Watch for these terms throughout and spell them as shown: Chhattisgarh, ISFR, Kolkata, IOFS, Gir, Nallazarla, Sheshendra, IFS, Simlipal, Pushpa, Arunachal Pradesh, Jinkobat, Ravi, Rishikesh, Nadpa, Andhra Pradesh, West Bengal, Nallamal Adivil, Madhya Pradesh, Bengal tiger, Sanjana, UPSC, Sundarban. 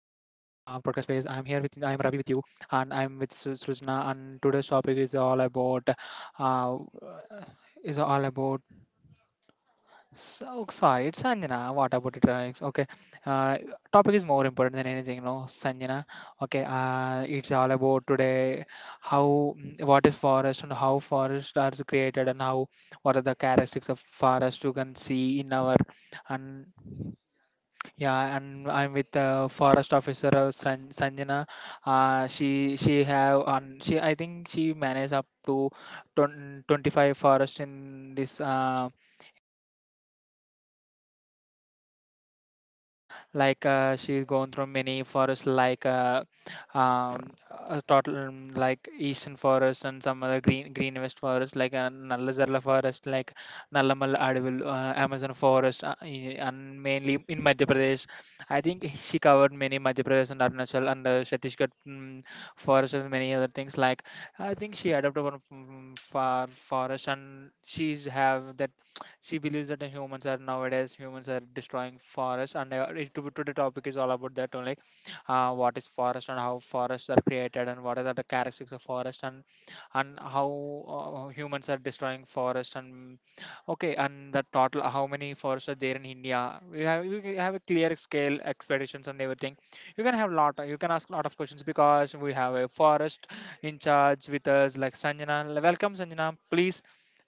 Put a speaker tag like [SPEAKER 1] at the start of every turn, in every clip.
[SPEAKER 1] Base. I am here with I am Ravi with you, and I'm with Srujna. And today's topic is all about uh, is all about. So sorry, it's Sanjana. What about it? Alex? Okay, uh, topic is more important than anything. No, Sanjana. Okay, it's all about today how what is forest and how forests are created and how what are the characteristics of forest you can see in our and yeah, and I'm with forest officer Sanjana. She have on she I think she managed up to 20, 25 forest in this, she's gone through many forests like um, a total, like eastern forest and some other green west forest like Nallazarla forest, like Nallamal Adivil, Amazon forest and mainly in Madhya Pradesh. I think she covered many Madhya Pradesh and Arunachal and the Chhattisgarh, forest and many other things. Like I think she adopted one from forest, and she's have that. She believes that the humans are nowadays humans are destroying forests, and today topic is all about that only: what is forest and how forests are created and what are the characteristics of forest, and how humans are destroying forest. And okay, and the total how many forests are there in India. We have, you can have a clear scale expeditions and everything. You can have lot, you can ask a lot of questions because we have a forest in charge with us like Sanjana. Welcome, Sanjana, please,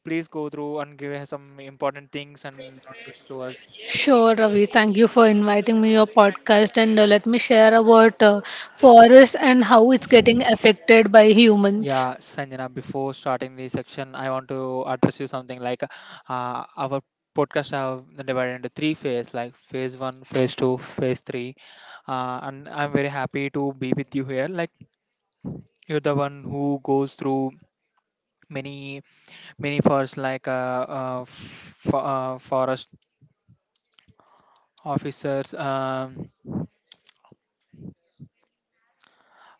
[SPEAKER 1] go through and give us some important things and notice to us.
[SPEAKER 2] Sure, Ravi. Thank you for inviting me your podcast and let me share about forest and how it's getting affected by humans.
[SPEAKER 1] Yeah, Sanjana, before starting the section, I want to address you something like, our podcast have divided into three phase, like phase one, phase two, phase three. And I'm very happy to be with you here. Like you're the one who goes through many many first like forest officers.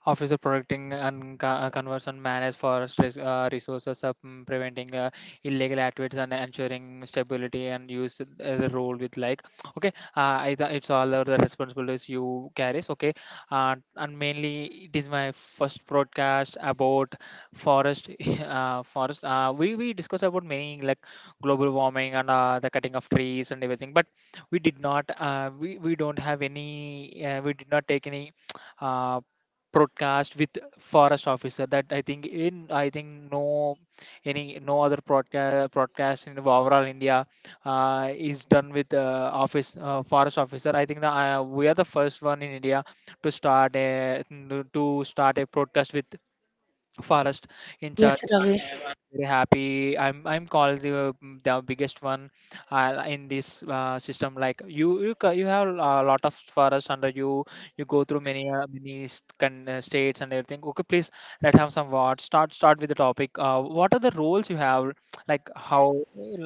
[SPEAKER 1] Officer protecting and conversion manage forest resources, preventing illegal activities and ensuring stability and use, the role with like okay, it's all the responsibilities you carries. Okay, and mainly it is my first broadcast about forest. Forest we discussed about many like global warming and the cutting of trees and everything, but we don't have any, we did not take any uh, broadcast with forest officer. That I think in I think no any no other broadcast in overall India is done with office forest officer. I think that we are the first one in India to start a broadcast with forest in
[SPEAKER 2] Yes,
[SPEAKER 1] charge.
[SPEAKER 2] Ravi.
[SPEAKER 1] Very happy. I'm called the, the biggest one in this system. Like you, you have a lot of forests under you. You go through many states and everything. Okay, please, let have some words. Start with the topic. What are the roles you have, like how,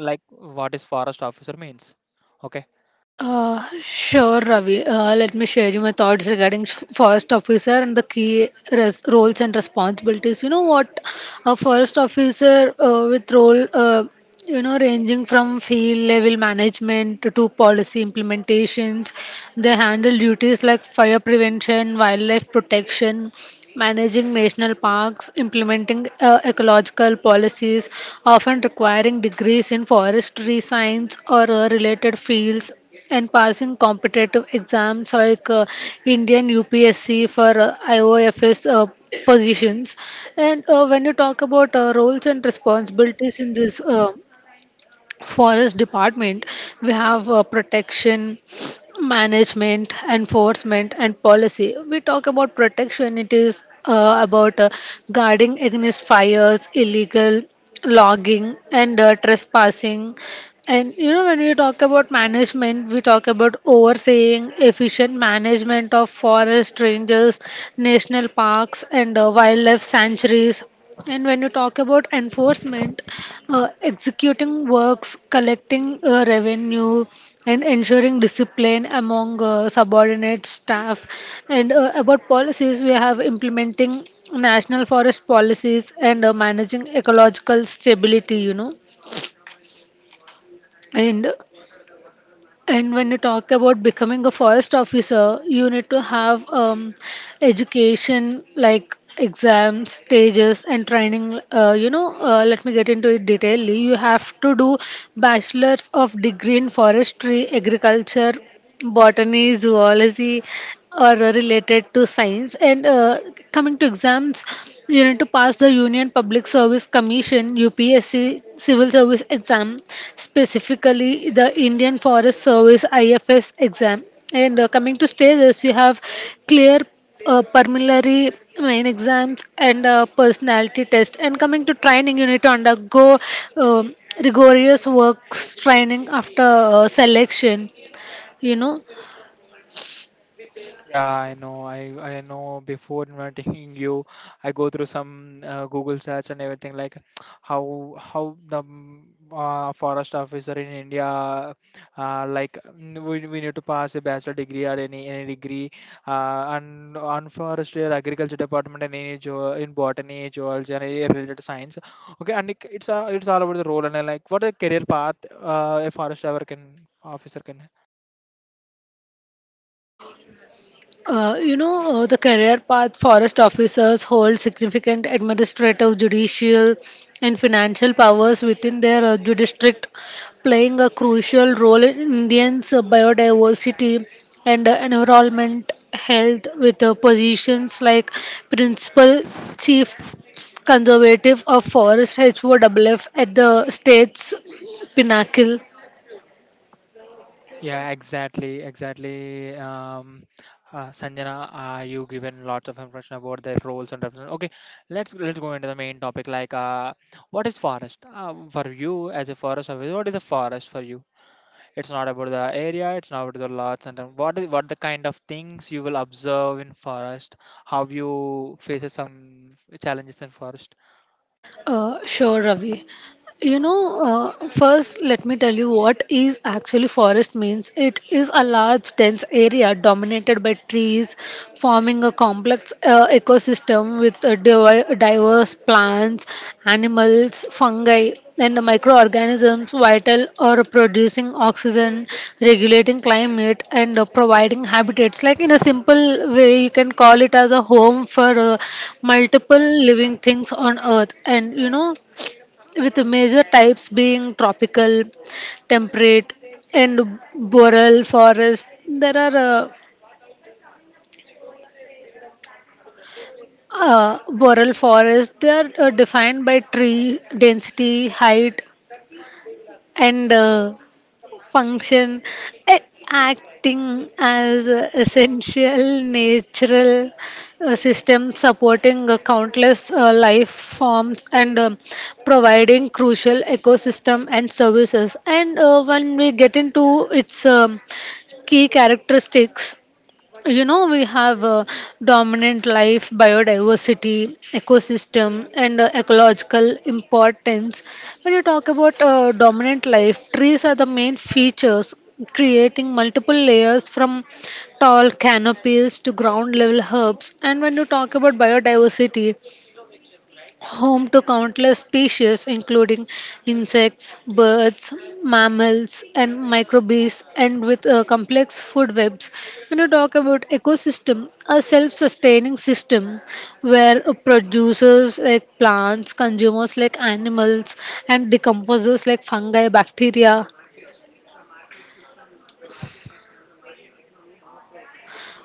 [SPEAKER 1] like what is forest officer means? Okay.
[SPEAKER 2] Sure, Ravi. Let me share you my thoughts regarding forest officer and the key roles and responsibilities. You know what? A forest officer with role, ranging from field level management to policy implementations. They handle duties like fire prevention, wildlife protection, managing national parks, implementing ecological policies, often requiring degrees in forestry science or related fields, and passing competitive exams like Indian UPSC for IOFS positions. And when you talk about roles and responsibilities in this forest department, we have protection management, enforcement, and policy. We talk about protection, it is about guarding against fires, illegal logging, and trespassing. And you know, when we talk about management, we talk about overseeing, efficient management of forest ranges, national parks, and wildlife sanctuaries. And when you talk about enforcement, executing works, collecting revenue, and ensuring discipline among subordinate staff. And about policies, we have implementing national forest policies and managing ecological stability, you know. And and when you talk about becoming a forest officer, you need to have education like exams, stages, and training, you know. Let me get into it detailedly. You have to do bachelor's of degree in forestry, agriculture, botany, zoology are related to science. And coming to exams, you need to pass the Union Public Service Commission (UPSC) civil service exam, specifically the Indian Forest Service (IFS) exam. And coming to stages, we have clear preliminary main exams and personality test. And coming to training, you need to undergo um, rigorous works training after selection, you know.
[SPEAKER 1] Yeah, I know. I know before inviting you, I go through some Google search and everything, like how the forest officer in India, like we need to pass a bachelor degree or any degree and on forestry or agriculture department and any geo in botany, geology and any related science. Okay, and it, it's all about the role, and like what a career path a forest officer can, officer can
[SPEAKER 2] The career path forest officers hold significant administrative, judicial, and financial powers within their district, playing a crucial role in Indians' biodiversity and environment health with positions like principal chief conservative of forest HOWF at the state's pinnacle.
[SPEAKER 1] yeah, exactly, exactly. Sanjana, you given lots of information about their roles and representation. Okay, let's go into the main topic. Like, what is forest? For you as a forest officer, what is a forest for you? It's not about the area. It's not about the lots. And then what is, what the kind of things you will observe in forest? How you faces some challenges in forest?
[SPEAKER 2] Sure, Ravi. So, you know, first let me tell you what is actually forest means. It is a large dense area dominated by trees, forming a complex ecosystem with diverse plants, animals, fungi, and microorganisms vital or producing oxygen, regulating climate, and providing habitats. Like in a simple way, you can call it as a home for multiple living things on Earth. And you know, with the major types being tropical, temperate, and boreal forest. There are boreal forests. They are defined by tree density, height, and function, eh, acting as a essential natural system supporting countless life forms and providing crucial ecosystem and services. And when we get into its key characteristics, you know, we have dominant life, biodiversity, ecosystem, and ecological importance. When you talk about dominant life, trees are the main features creating multiple layers from tall canopies to ground level herbs. And when you talk about biodiversity, home to countless species including insects, birds, mammals, and microbes, and with complex food webs. When you talk about ecosystem, a self-sustaining system where producers like plants, consumers like animals, and decomposers like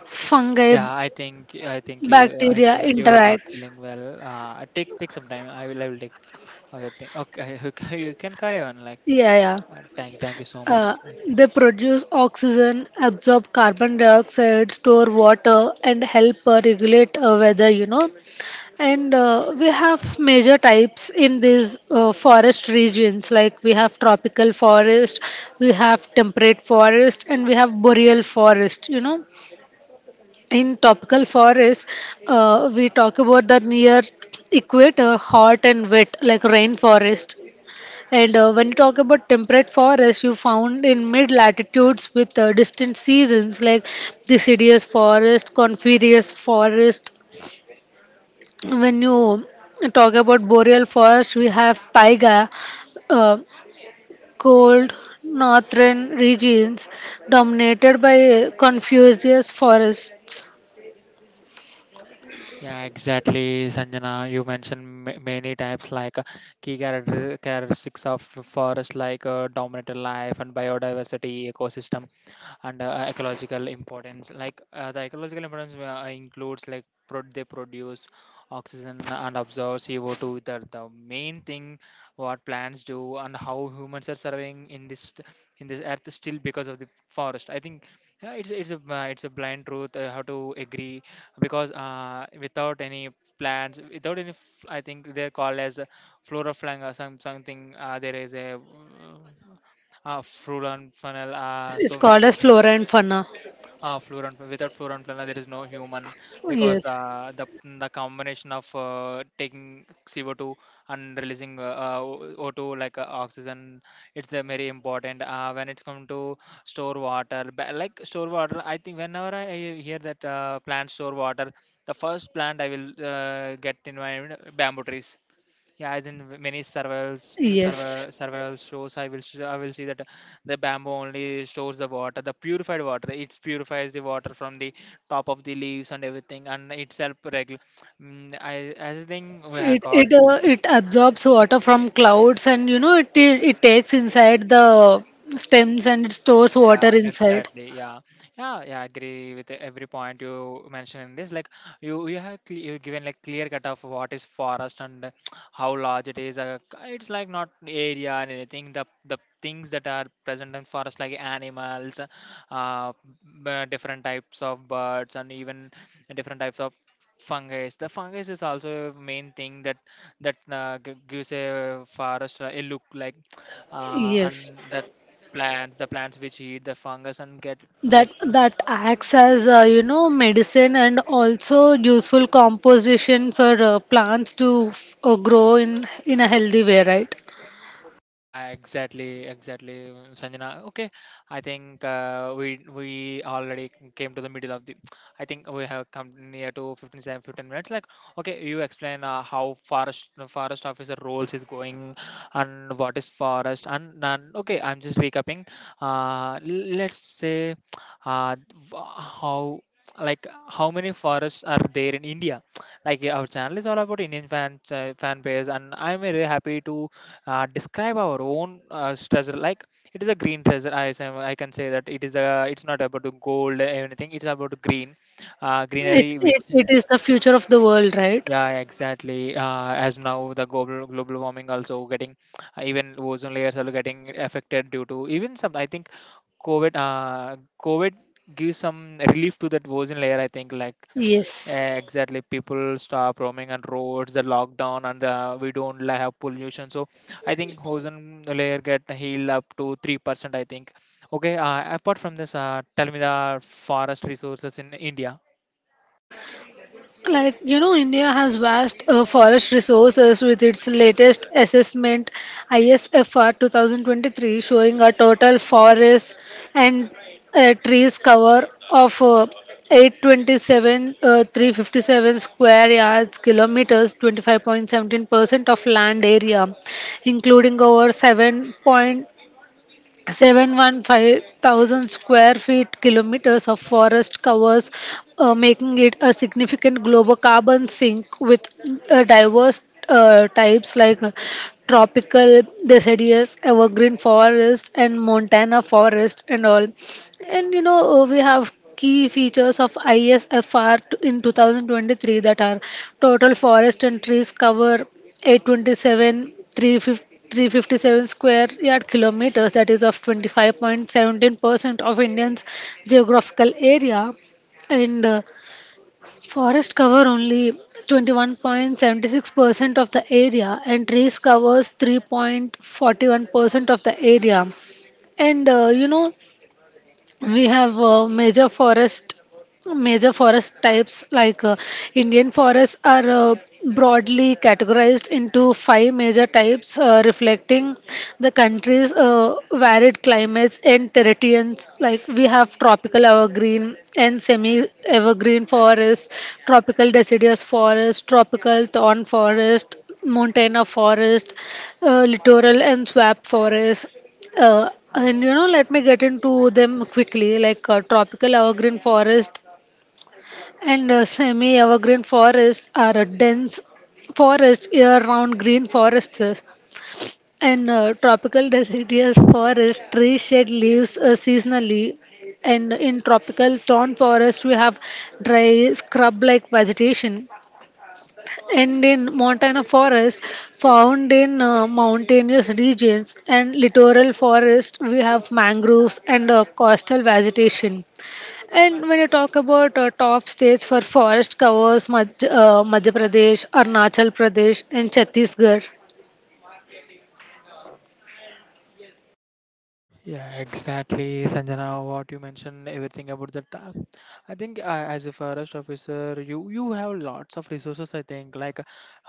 [SPEAKER 2] fungi,
[SPEAKER 1] Yeah, I think I think you I
[SPEAKER 2] bacteria
[SPEAKER 1] think you're not
[SPEAKER 2] interacts.
[SPEAKER 1] feeling well. Take some time. I will take. Okay, thank, okay, you can, carry on. Like,
[SPEAKER 2] Yeah, yeah.
[SPEAKER 1] thank you so
[SPEAKER 2] Uh,
[SPEAKER 1] much. Like,
[SPEAKER 2] they produce oxygen, absorb carbon dioxide, store water, and help regulate weather. You know, and we have major types in these forest regions. Like we have tropical forest, we have temperate forest, and we have boreal forest. You know, in tropical forest, we talk about the near equator, hot and wet, like rainforest. And when you talk about temperate forests, you found in mid latitudes with distant seasons like deciduous forest, coniferous forest. When you talk about boreal forest, we have taiga, uh, cold northern regions dominated by coniferous forests.
[SPEAKER 1] yeah, exactly, Sanjana. You mentioned many types like key characteristics of forest, like dominant life and biodiversity, ecosystem and ecological importance. Like the ecological importance includes like they produce oxygen and absorb CO2, the main thing what plants do and how humans are surviving in this, in this earth, still because of the forest. I think it's a blind truth, I have to agree, because without any plants, without any I think they're called as flora flora some something there is a fruit and funnel.
[SPEAKER 2] Yes, it's
[SPEAKER 1] So with
[SPEAKER 2] called as flora and fauna.
[SPEAKER 1] fluorine without fluorine planner there is no human, because
[SPEAKER 2] Yes,
[SPEAKER 1] the combination of taking CO2 and releasing O2, like oxygen. It's very important when it's come to like store water. I think whenever I hear that plant store water, the first plant I will get in my mind, bamboo trees. Yeah, as in many survival
[SPEAKER 2] yes.
[SPEAKER 1] survival shows, I will see that the bamboo only stores the water, the purified water. It purifies the water from the top of the leaves and everything, and itself regular. Mm, I I think we have
[SPEAKER 2] It
[SPEAKER 1] got.
[SPEAKER 2] it uh, it absorbs water from clouds, and you know it takes inside the stems and it stores water
[SPEAKER 1] Yeah,
[SPEAKER 2] inside.
[SPEAKER 1] exactly. Yeah, yeah. I agree with every point you mentioned in this. Like you have cle you given like clear cut of what is forest and how large it is. It's like not area and anything. The things that are present in forest like animals, uh, different types of birds, and even different types of fungus. The fungus is also a main thing that gives a forest a look. Like
[SPEAKER 2] Yes,
[SPEAKER 1] and the plants, which eat the fungus and get
[SPEAKER 2] that that acts as you know medicine and also useful composition for plants to grow in a healthy way, right?
[SPEAKER 1] yeah, exactly, exactly, Sanjana. Okay, I think we already came to the middle of the. I think we have come near to 15 minutes. Like, okay, you explain how forest forest officer roles is going, and what is forest and none. Okay, I'm just recapping. Let's say, uh, w- how like how many forests are there in India? Like our channel is all about Indian fan fan base, and I'm very happy to describe our own treasure. Like it is a green treasure. I, I can say that it is a, it's not about the gold or anything, it's about green
[SPEAKER 2] It,
[SPEAKER 1] greenery which
[SPEAKER 2] it it is the future of the world, right?
[SPEAKER 1] yeah exactly. As now the global warming also getting even ozone layers are getting affected due to even some, I think, covid, covid gives some relief to that ozone layer, I think, like,
[SPEAKER 2] Yes.
[SPEAKER 1] eh, exactly, people stop roaming on roads, the lockdown, and the, we don't li- have pollution. So I think ozone layer get healed up to 3%, I think. Okay. Apart from this, tell me the forest resources in India.
[SPEAKER 2] Like, you know, India has vast forest resources with its latest assessment ISFR 2023 showing a total forest and trees cover of 827 357 square yards kilometers, 25.17% of land area, including over 7. 715,000 square feet kilometers of forest covers, making it a significant global carbon sink with diverse types like tropical deciduous evergreen forest and montana forest and all. And you know, we have key features of ISFR in 2023 that are total forest and trees cover 827 35357 square yard kilometers, that is of 25.17% of Indians' geographical area, and forest cover only 21.76% of the area, and trees covers 3.41% of the area. And you know, we have major forest types like Indian forests are broadly categorized into five major types, reflecting the country's varied climates and terrains like we have tropical evergreen and semi evergreen forests, tropical deciduous forest, tropical thorn forest, montana forest, littoral and swamp forest, and you know, let me get into them quickly. Like tropical evergreen forest and semi evergreen forest are a dense forest year round green forests. And tropical deciduous forest trees shed leaves seasonally. And in tropical thorn forest, we have dry scrub like vegetation. And in montana forest found in mountainous regions, and littoral forest we have mangroves and coastal vegetation. And when you talk about top states for forest covers, Madhya Pradesh, Arunachal Pradesh, and Chhattisgarh.
[SPEAKER 1] Yeah, exactly, Sanjana. What you mentioned, everything about the, I think as a forest officer, you have lots of resources, I think, like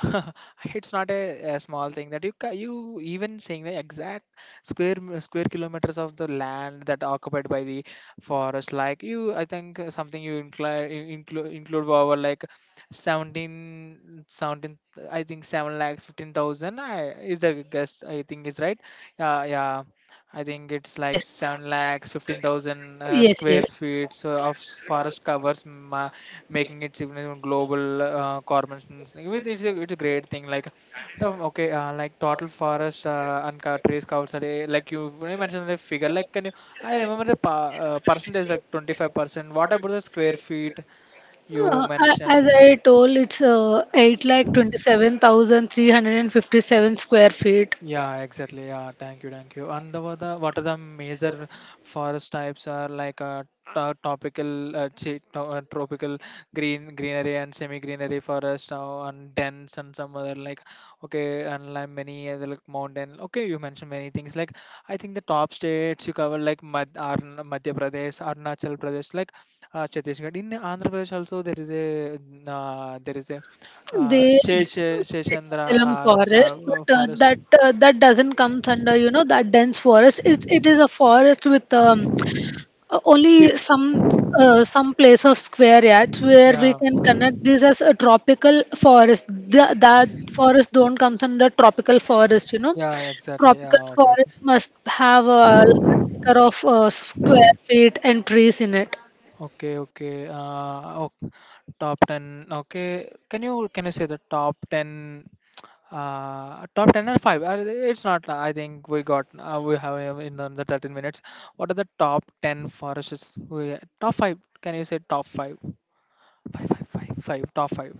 [SPEAKER 1] it's not a, a small thing that you even saying the exact square square kilometers of the land that occupied by the forest. Like you, I think something you include over like 17. I think seven lakhs 15,000. I Is a guess, I think is right. Yeah, yeah. I think it's like
[SPEAKER 2] Yes.
[SPEAKER 1] 7 lakhs, 15,000
[SPEAKER 2] Yes,
[SPEAKER 1] square
[SPEAKER 2] yes.
[SPEAKER 1] feet so of forest covers, making it significant global corporations. It's a great thing. Like, the okay, like total forest and trees covered, are, like you when you mentioned the figure. Like, can you? I remember the percentage like 25%. What about the square feet you mentioned?
[SPEAKER 2] As I told, it's 8,27,357 square feet.
[SPEAKER 1] Yeah, exactly. Thank you. And the, what are the major forest types are like tropical greenery and semi-greenery forest and dense and some other, like okay, and like many other, like mountain. Okay, you mentioned many things. Like I think the top states you cover like Madhya Pradesh, Arunachal Pradesh, like Chhattisgarh. In Andhra Pradesh also there is a, uh, there is a uh,
[SPEAKER 2] They,
[SPEAKER 1] Shesh Sheshendra
[SPEAKER 2] Salem forest, but
[SPEAKER 1] forest.
[SPEAKER 2] that doesn't come under you know that dense forest. It is a forest with
[SPEAKER 1] Peop-
[SPEAKER 2] only some place of square yards where we
[SPEAKER 1] Yeah,
[SPEAKER 2] can connect this as a tropical forest. That forest don't come under tropical forest. You know,
[SPEAKER 1] yeah, exactly. Yeah,
[SPEAKER 2] tropical forest
[SPEAKER 1] okay,
[SPEAKER 2] must have a large acre of square feet and trees in it.
[SPEAKER 1] okay, okay. Uh, oh, top ten. Okay, can you say the top ten? Top ten or five? It's not. I think we got. We have in the 13 minutes. What are the top ten forests? We top five. Can you say top five? Five, five, five, five. Top five.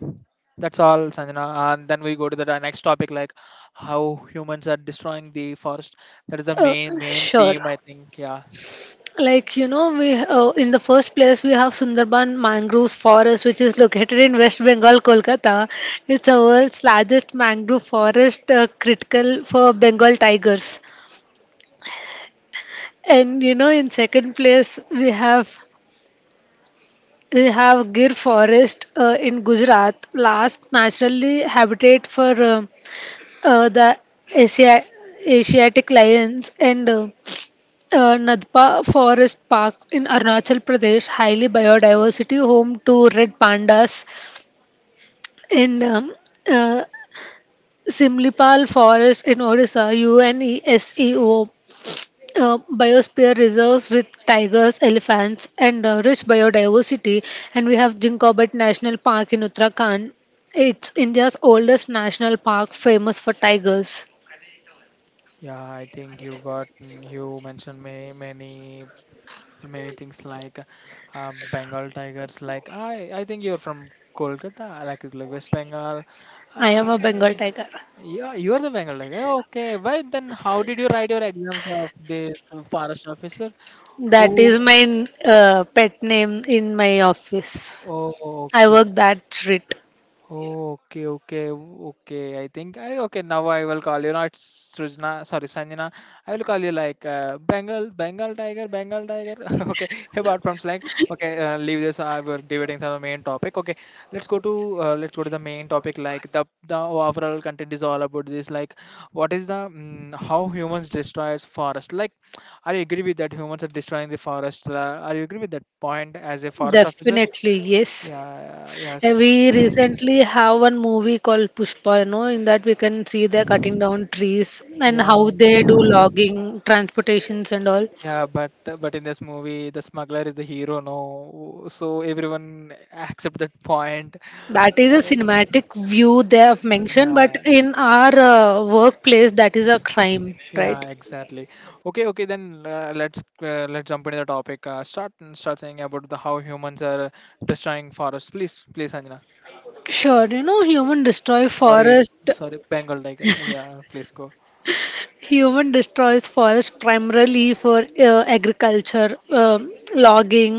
[SPEAKER 1] That's all, Sanjana. And then we go to the next topic, like how humans are destroying the forest. That is the
[SPEAKER 2] Uh,
[SPEAKER 1] main
[SPEAKER 2] sure.
[SPEAKER 1] theme, I think. Yeah.
[SPEAKER 2] Like you know, we in the first place we have Sundarban mangroves forest, which is located in West Bengal, Kolkata. It's the world's largest mangrove forest, critical for Bengal tigers. And you know, in second place we have Gir forest in Gujarat, last naturally habitat for the Asia, Asiatic lions and Nadpa Forest Park in Arunachal Pradesh, highly biodiversity, home to red pandas. In uh, Simlipal Forest in Odisha, UNESCO biosphere reserves with tigers, elephants, and rich biodiversity. And we have Jinkobat National Park in Uttarakhand. It's India's oldest national park, famous for tigers.
[SPEAKER 1] Yeah, I think you mentioned many things like Bengal tigers. Like I think you're from Kolkata, like West Bengal.
[SPEAKER 2] I am a Bengal
[SPEAKER 1] Uh,
[SPEAKER 2] tiger.
[SPEAKER 1] yeah, you're the Bengal tiger. Okay, why then? How did you write your exams of this forest officer?
[SPEAKER 2] That
[SPEAKER 1] Oh,
[SPEAKER 2] is my pet name in my office.
[SPEAKER 1] oh,
[SPEAKER 2] I
[SPEAKER 1] okay.
[SPEAKER 2] work that rate.
[SPEAKER 1] Okay. I think I okay now. I will call you not Srujna. Sorry, Sanjana. I will call you like Bengal, Bengal tiger. Okay, apart from slang. Okay, leave this. We're debating the main topic. Okay, let's go to the main topic. Like the overall content is all about this. Like, what is the how humans destroys forest? Like, are you agree with that humans are destroying the forest? Are you agree with that point as a forest officer?
[SPEAKER 2] Definitely, yes.
[SPEAKER 1] Yeah. Yes.
[SPEAKER 2] We recently have one movie called Pushpa. You know, in that we can see they're cutting down trees and how
[SPEAKER 1] Yeah.
[SPEAKER 2] they do logging, transportations, and all.
[SPEAKER 1] Yeah, but in this movie, the smuggler is the hero, no? So everyone accept that point.
[SPEAKER 2] That is a
[SPEAKER 1] And
[SPEAKER 2] cinematic view they have mentioned,
[SPEAKER 1] yeah,
[SPEAKER 2] but in our workplace, that is a crime, right?
[SPEAKER 1] yeah, exactly. Okay, okay, then let's jump into the topic. Start saying about the how humans are destroying forests. Please, please, Anjana.
[SPEAKER 2] Sure, you know,
[SPEAKER 1] Sorry, sorry, Bengal tiger. Yeah, please go.
[SPEAKER 2] Human destroys forest primarily for agriculture, logging,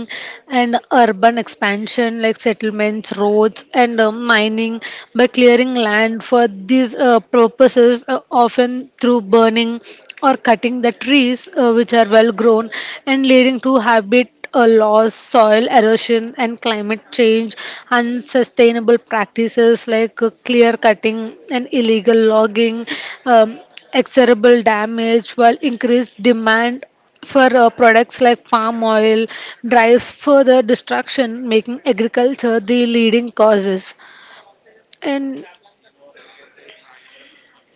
[SPEAKER 2] and urban expansion like settlements, roads, and mining by clearing land for these purposes, often through burning or cutting the trees, which are well grown, and leading to habit loss, soil erosion, and climate change, unsustainable practices like clear cutting and illegal logging. Um, Exorable damage while increased demand for products like palm oil drives further destruction, making agriculture the leading causes. And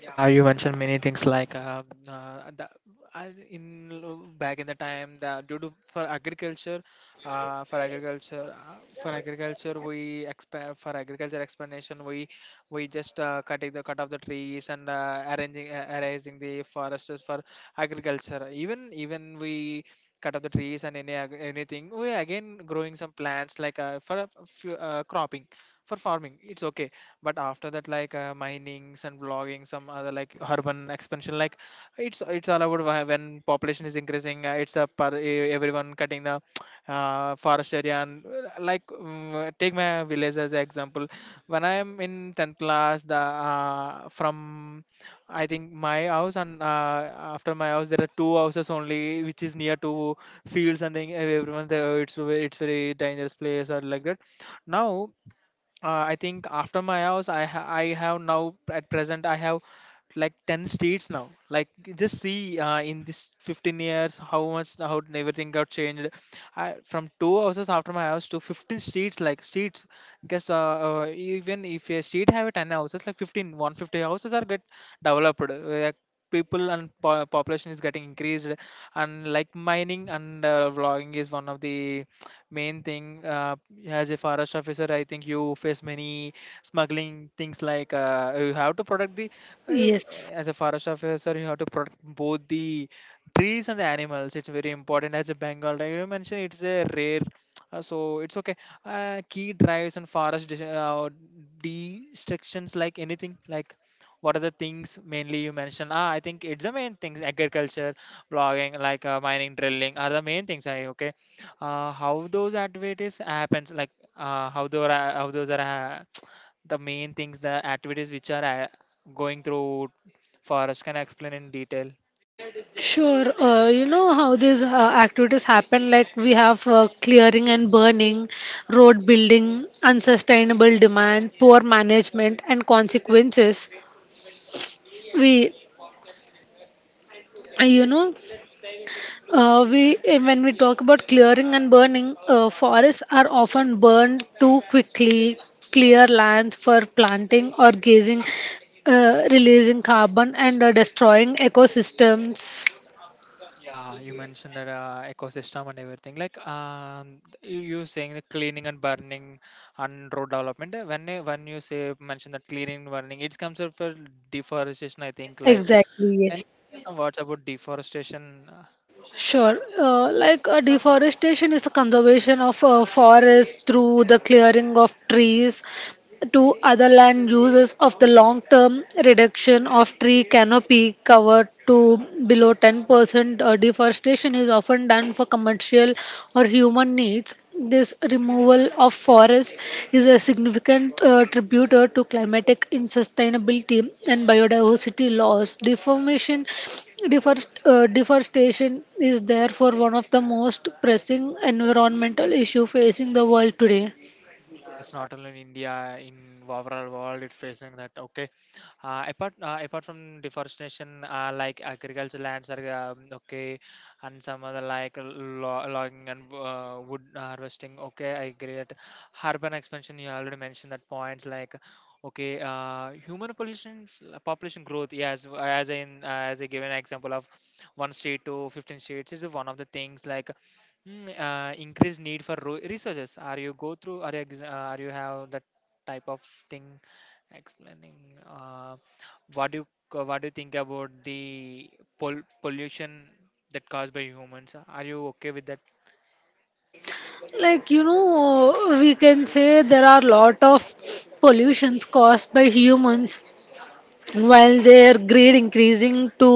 [SPEAKER 1] Yeah, you mentioned many things like in back in the time the due to for agriculture, for agriculture we expand for agriculture explanation we just cut off the trees and arranging the forests for agriculture. Even we cut off the trees and any anything we again growing some plants like for a few, cropping for farming. It's okay but after that like minings and vlogging some other like urban expansion like it's all about when population is increasing it's a everyone cutting the forest area and like take my village as an example when I am in 10th class the from I think my house and after my house there are two houses only which is near to fields and thing everyone there it's very dangerous place or like that now. I think after my house, I have now at present I have like ten streets now. Like just see in this 15 years how much how everything got changed. From two houses after my house to 15 streets like streets. Guess even if a street have a ten houses like 15, 150 houses are get developed. Like people and population is getting increased and like mining and vlogging is one of the main thing. As a forest officer, I think you face many smuggling things like you have to protect the. Uh,
[SPEAKER 2] yes.
[SPEAKER 1] as a forest officer, you have to protect both the trees and the animals. It's very important. As a Bengal tiger, you mentioned it's a rare. So it's okay. Key drives and forest destructions like anything like what are the things mainly you mentioned, ah I think it's the main things agriculture, logging like mining, drilling are the main things. I okay. How those activities happens, like how those are the main things the activities which are going through forest, can I explain in detail?
[SPEAKER 2] Sure, you know how these activities happen like we have clearing and burning, road building, unsustainable demand, poor management, and consequences. We, you know, we, eh, When we talk about clearing and burning, forests are often burned too quickly, clear lands for planting or grazing, releasing carbon and destroying ecosystems.
[SPEAKER 1] Yeah you mentioned that ecosystem and everything like you saying the cleaning and burning and road development. When you say mention that cleaning and burning it comes up for deforestation I think like,
[SPEAKER 2] Exactly,
[SPEAKER 1] can
[SPEAKER 2] yes.
[SPEAKER 1] you say some words about deforestation? uh,
[SPEAKER 2] Sure. Like deforestation is the conservation of forests through the clearing of trees, to other land uses, of the long term reduction of tree canopy cover to below 10%. Deforestation is often done for commercial or human needs. This removal of forest is a significant contributor to climatic insustainability and biodiversity loss. Deforestation is therefore one of the most pressing environmental issue facing the world today.
[SPEAKER 1] yeah, it's not only in India, in overall world it's facing that. Okay. Apart from deforestation, like agricultural lands are okay, and some other like logging and wood harvesting. Okay, I agree. That urban expansion, you already mentioned that points like. Okay, human population growth. Yes, as in as I gave an example of one state to 15 states is one of the things like. Increased need for resources. Are you go through? Are you have that type of thing? Explaining uh, what do you what do you think about the pollution that caused by humans, are you okay with that?
[SPEAKER 2] Like you know, we can say there are lot of pollutions caused by humans while their greed increasing to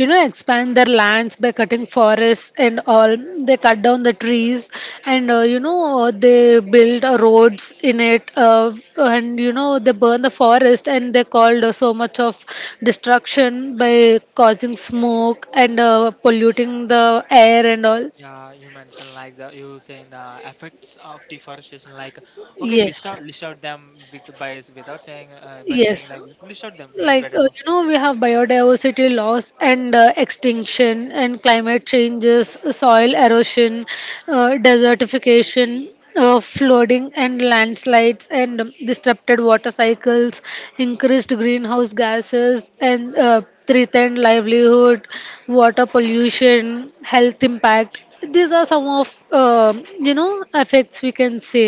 [SPEAKER 2] you know expand their lands by cutting forests and all. They cut down the trees and you know they build roads in it, and you know they burn the forest, and they called so much of destruction by causing smoke and polluting the air and all.
[SPEAKER 1] Yeah you mentioned like the you saying the effects of deforestation like. Okay, list
[SPEAKER 2] Yes.
[SPEAKER 1] out list out them with by s- without saying by saying
[SPEAKER 2] Yes,
[SPEAKER 1] like list out them it's
[SPEAKER 2] like
[SPEAKER 1] better.
[SPEAKER 2] you know, we have biodiversity loss and extinction, and climate changes, soil erosion, desertification, flooding, and landslides, and disrupted water cycles, increased greenhouse gases, and threatened livelihood, water pollution, health impact. These are some of you know effects we can say.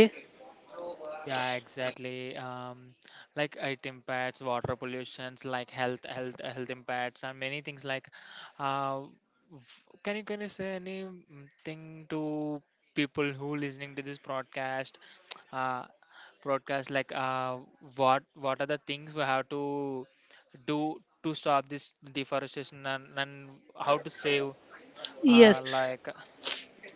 [SPEAKER 1] Yeah, exactly. Like it impacts water pollutions, like health, health impacts, and many things. Like, uh, can you say anything to people who listening to this broadcast? Uh, Broadcast like what are the things we have to do to stop this deforestation and how to save uh,
[SPEAKER 2] Yes.
[SPEAKER 1] like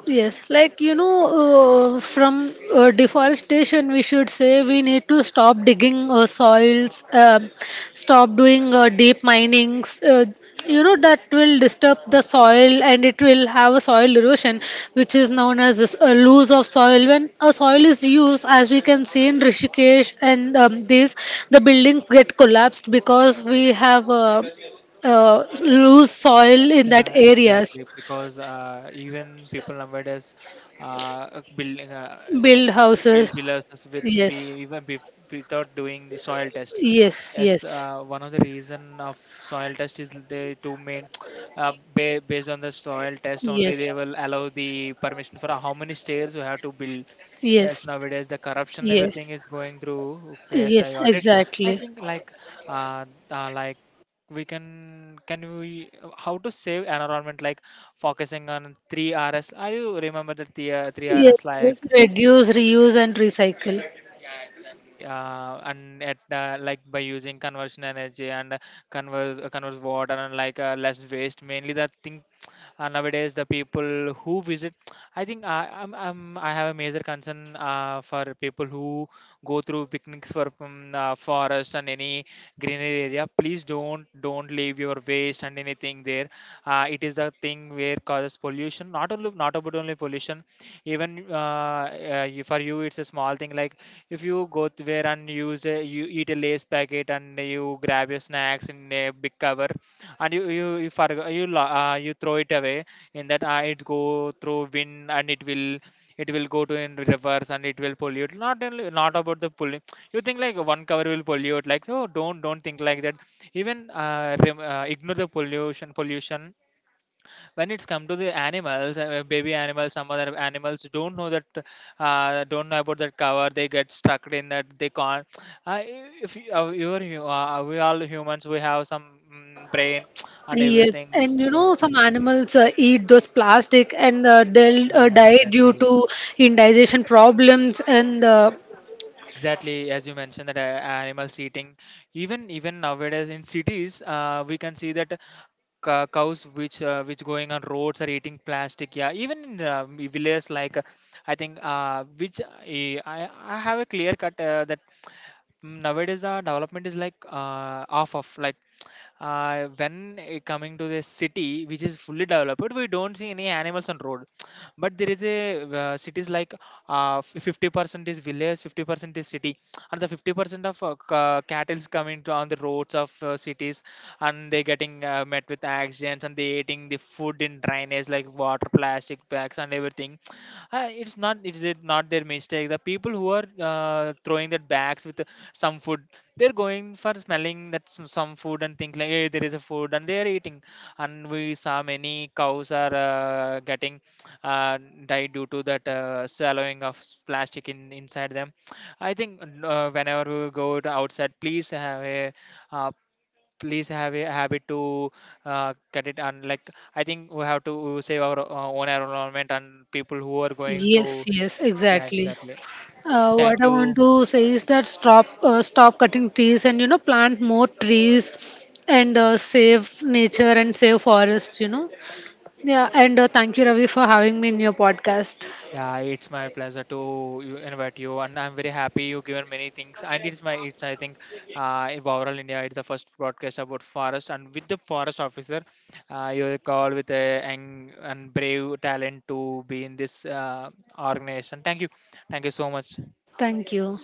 [SPEAKER 2] Yes, like you know, from deforestation, we should say we need to stop digging soils, stop doing deep minings. You know that will disturb the soil and it will have a soil erosion, which is known as this, loss of soil. When a soil is used, as we can see in Rishikesh and these, the buildings get collapsed because we have loose soil in that
[SPEAKER 1] Yeah,
[SPEAKER 2] areas.
[SPEAKER 1] exactly. Because even people nowadays uh, building uh,
[SPEAKER 2] Build
[SPEAKER 1] it build
[SPEAKER 2] houses.
[SPEAKER 1] villas with we
[SPEAKER 2] Yes.
[SPEAKER 1] even bef without doing the soil test.
[SPEAKER 2] Yes.
[SPEAKER 1] Yes,
[SPEAKER 2] Yes.
[SPEAKER 1] one of the reason of soil test is they to main ba based on the soil test only
[SPEAKER 2] Yes.
[SPEAKER 1] they will allow the permission for how many stairs you have to build. Yes,
[SPEAKER 2] Yes.
[SPEAKER 1] nowadays the corruption everything
[SPEAKER 2] Yes.
[SPEAKER 1] is going through. Okay, yes, I
[SPEAKER 2] Yes.
[SPEAKER 1] got it. I
[SPEAKER 2] Exactly.
[SPEAKER 1] think like uh, uh like we can we how to save environment like focusing on 3Rs. Are you remember the 3Rs, three
[SPEAKER 2] Yes.
[SPEAKER 1] Rs,
[SPEAKER 2] Yes.
[SPEAKER 1] like
[SPEAKER 2] Reduce, reuse, and recycle.
[SPEAKER 1] li- and at like by using conversion energy and converse water and like less waste mainly the things. Nowadays the people who visit, I think I I'm, I have a major concern for people who go through picnics for forest and any greenery area, please don't leave your waste and anything there. It is the thing where causes pollution, not only not about only pollution. Even for you it's a small thing. Like, if you go to where and use a, you eat a lace packet and you grab your snacks in a big cover and you forgo- you lo- you throw it away, in that it go through wind and it will go to in reverse and it will pollute, not only not about the pollu you think like one cover will pollute, like oh don't think like that. Even ignore the pollution pollution, when it's come to the animals, baby animals some other animals don't know that, don't know about that cover, they get stuck in that, they can't uh, if you, we all humans we have some brain and
[SPEAKER 2] Yes,
[SPEAKER 1] everything,
[SPEAKER 2] and you
[SPEAKER 1] so
[SPEAKER 2] know some animals eat those plastic and they'll die due
[SPEAKER 1] exactly.
[SPEAKER 2] to indigestion problems and
[SPEAKER 1] Exactly as you mentioned that animals eating, even nowadays in cities we can see that cows which going on roads are eating plastic. Yeah even in villages like I think which I have a clear cut that nowadays the development is like off of like when coming to the city which is fully developed we don't see any animals on road. But there is a cities like 50% is village, 50% is city, and the 50% of cattle's coming to on the roads of cities, and they getting met with accidents and they eating the food in drainage like water, plastic bags and everything. It's not, it's not their mistake, the people who are throwing that bags with some food, they're going for smelling that some food and think like hey there is a food and they're eating. And we saw many cows are getting uh, died due to that swallowing of plastic in inside them. I think whenever we go to outside uh, please have a habit to cut it and like, I think we have to save our own environment and people who are going
[SPEAKER 2] yes,
[SPEAKER 1] through.
[SPEAKER 2] yes,
[SPEAKER 1] Yeah,
[SPEAKER 2] exactly.
[SPEAKER 1] exactly. Thank
[SPEAKER 2] What I
[SPEAKER 1] you.
[SPEAKER 2] want to say is that stop cutting trees and you know plant more trees and save nature and save forests, you know. Yeah, and thank you, Ravi, for having me in your podcast.
[SPEAKER 1] Yeah, it's my pleasure to you invite you, and I'm very happy you given many things. And it's my it's I think in overall India, it's the first broadcast about forest, and with the forest officer, you call with a and brave talent to be in this organization. Thank you so much.
[SPEAKER 2] Thank you.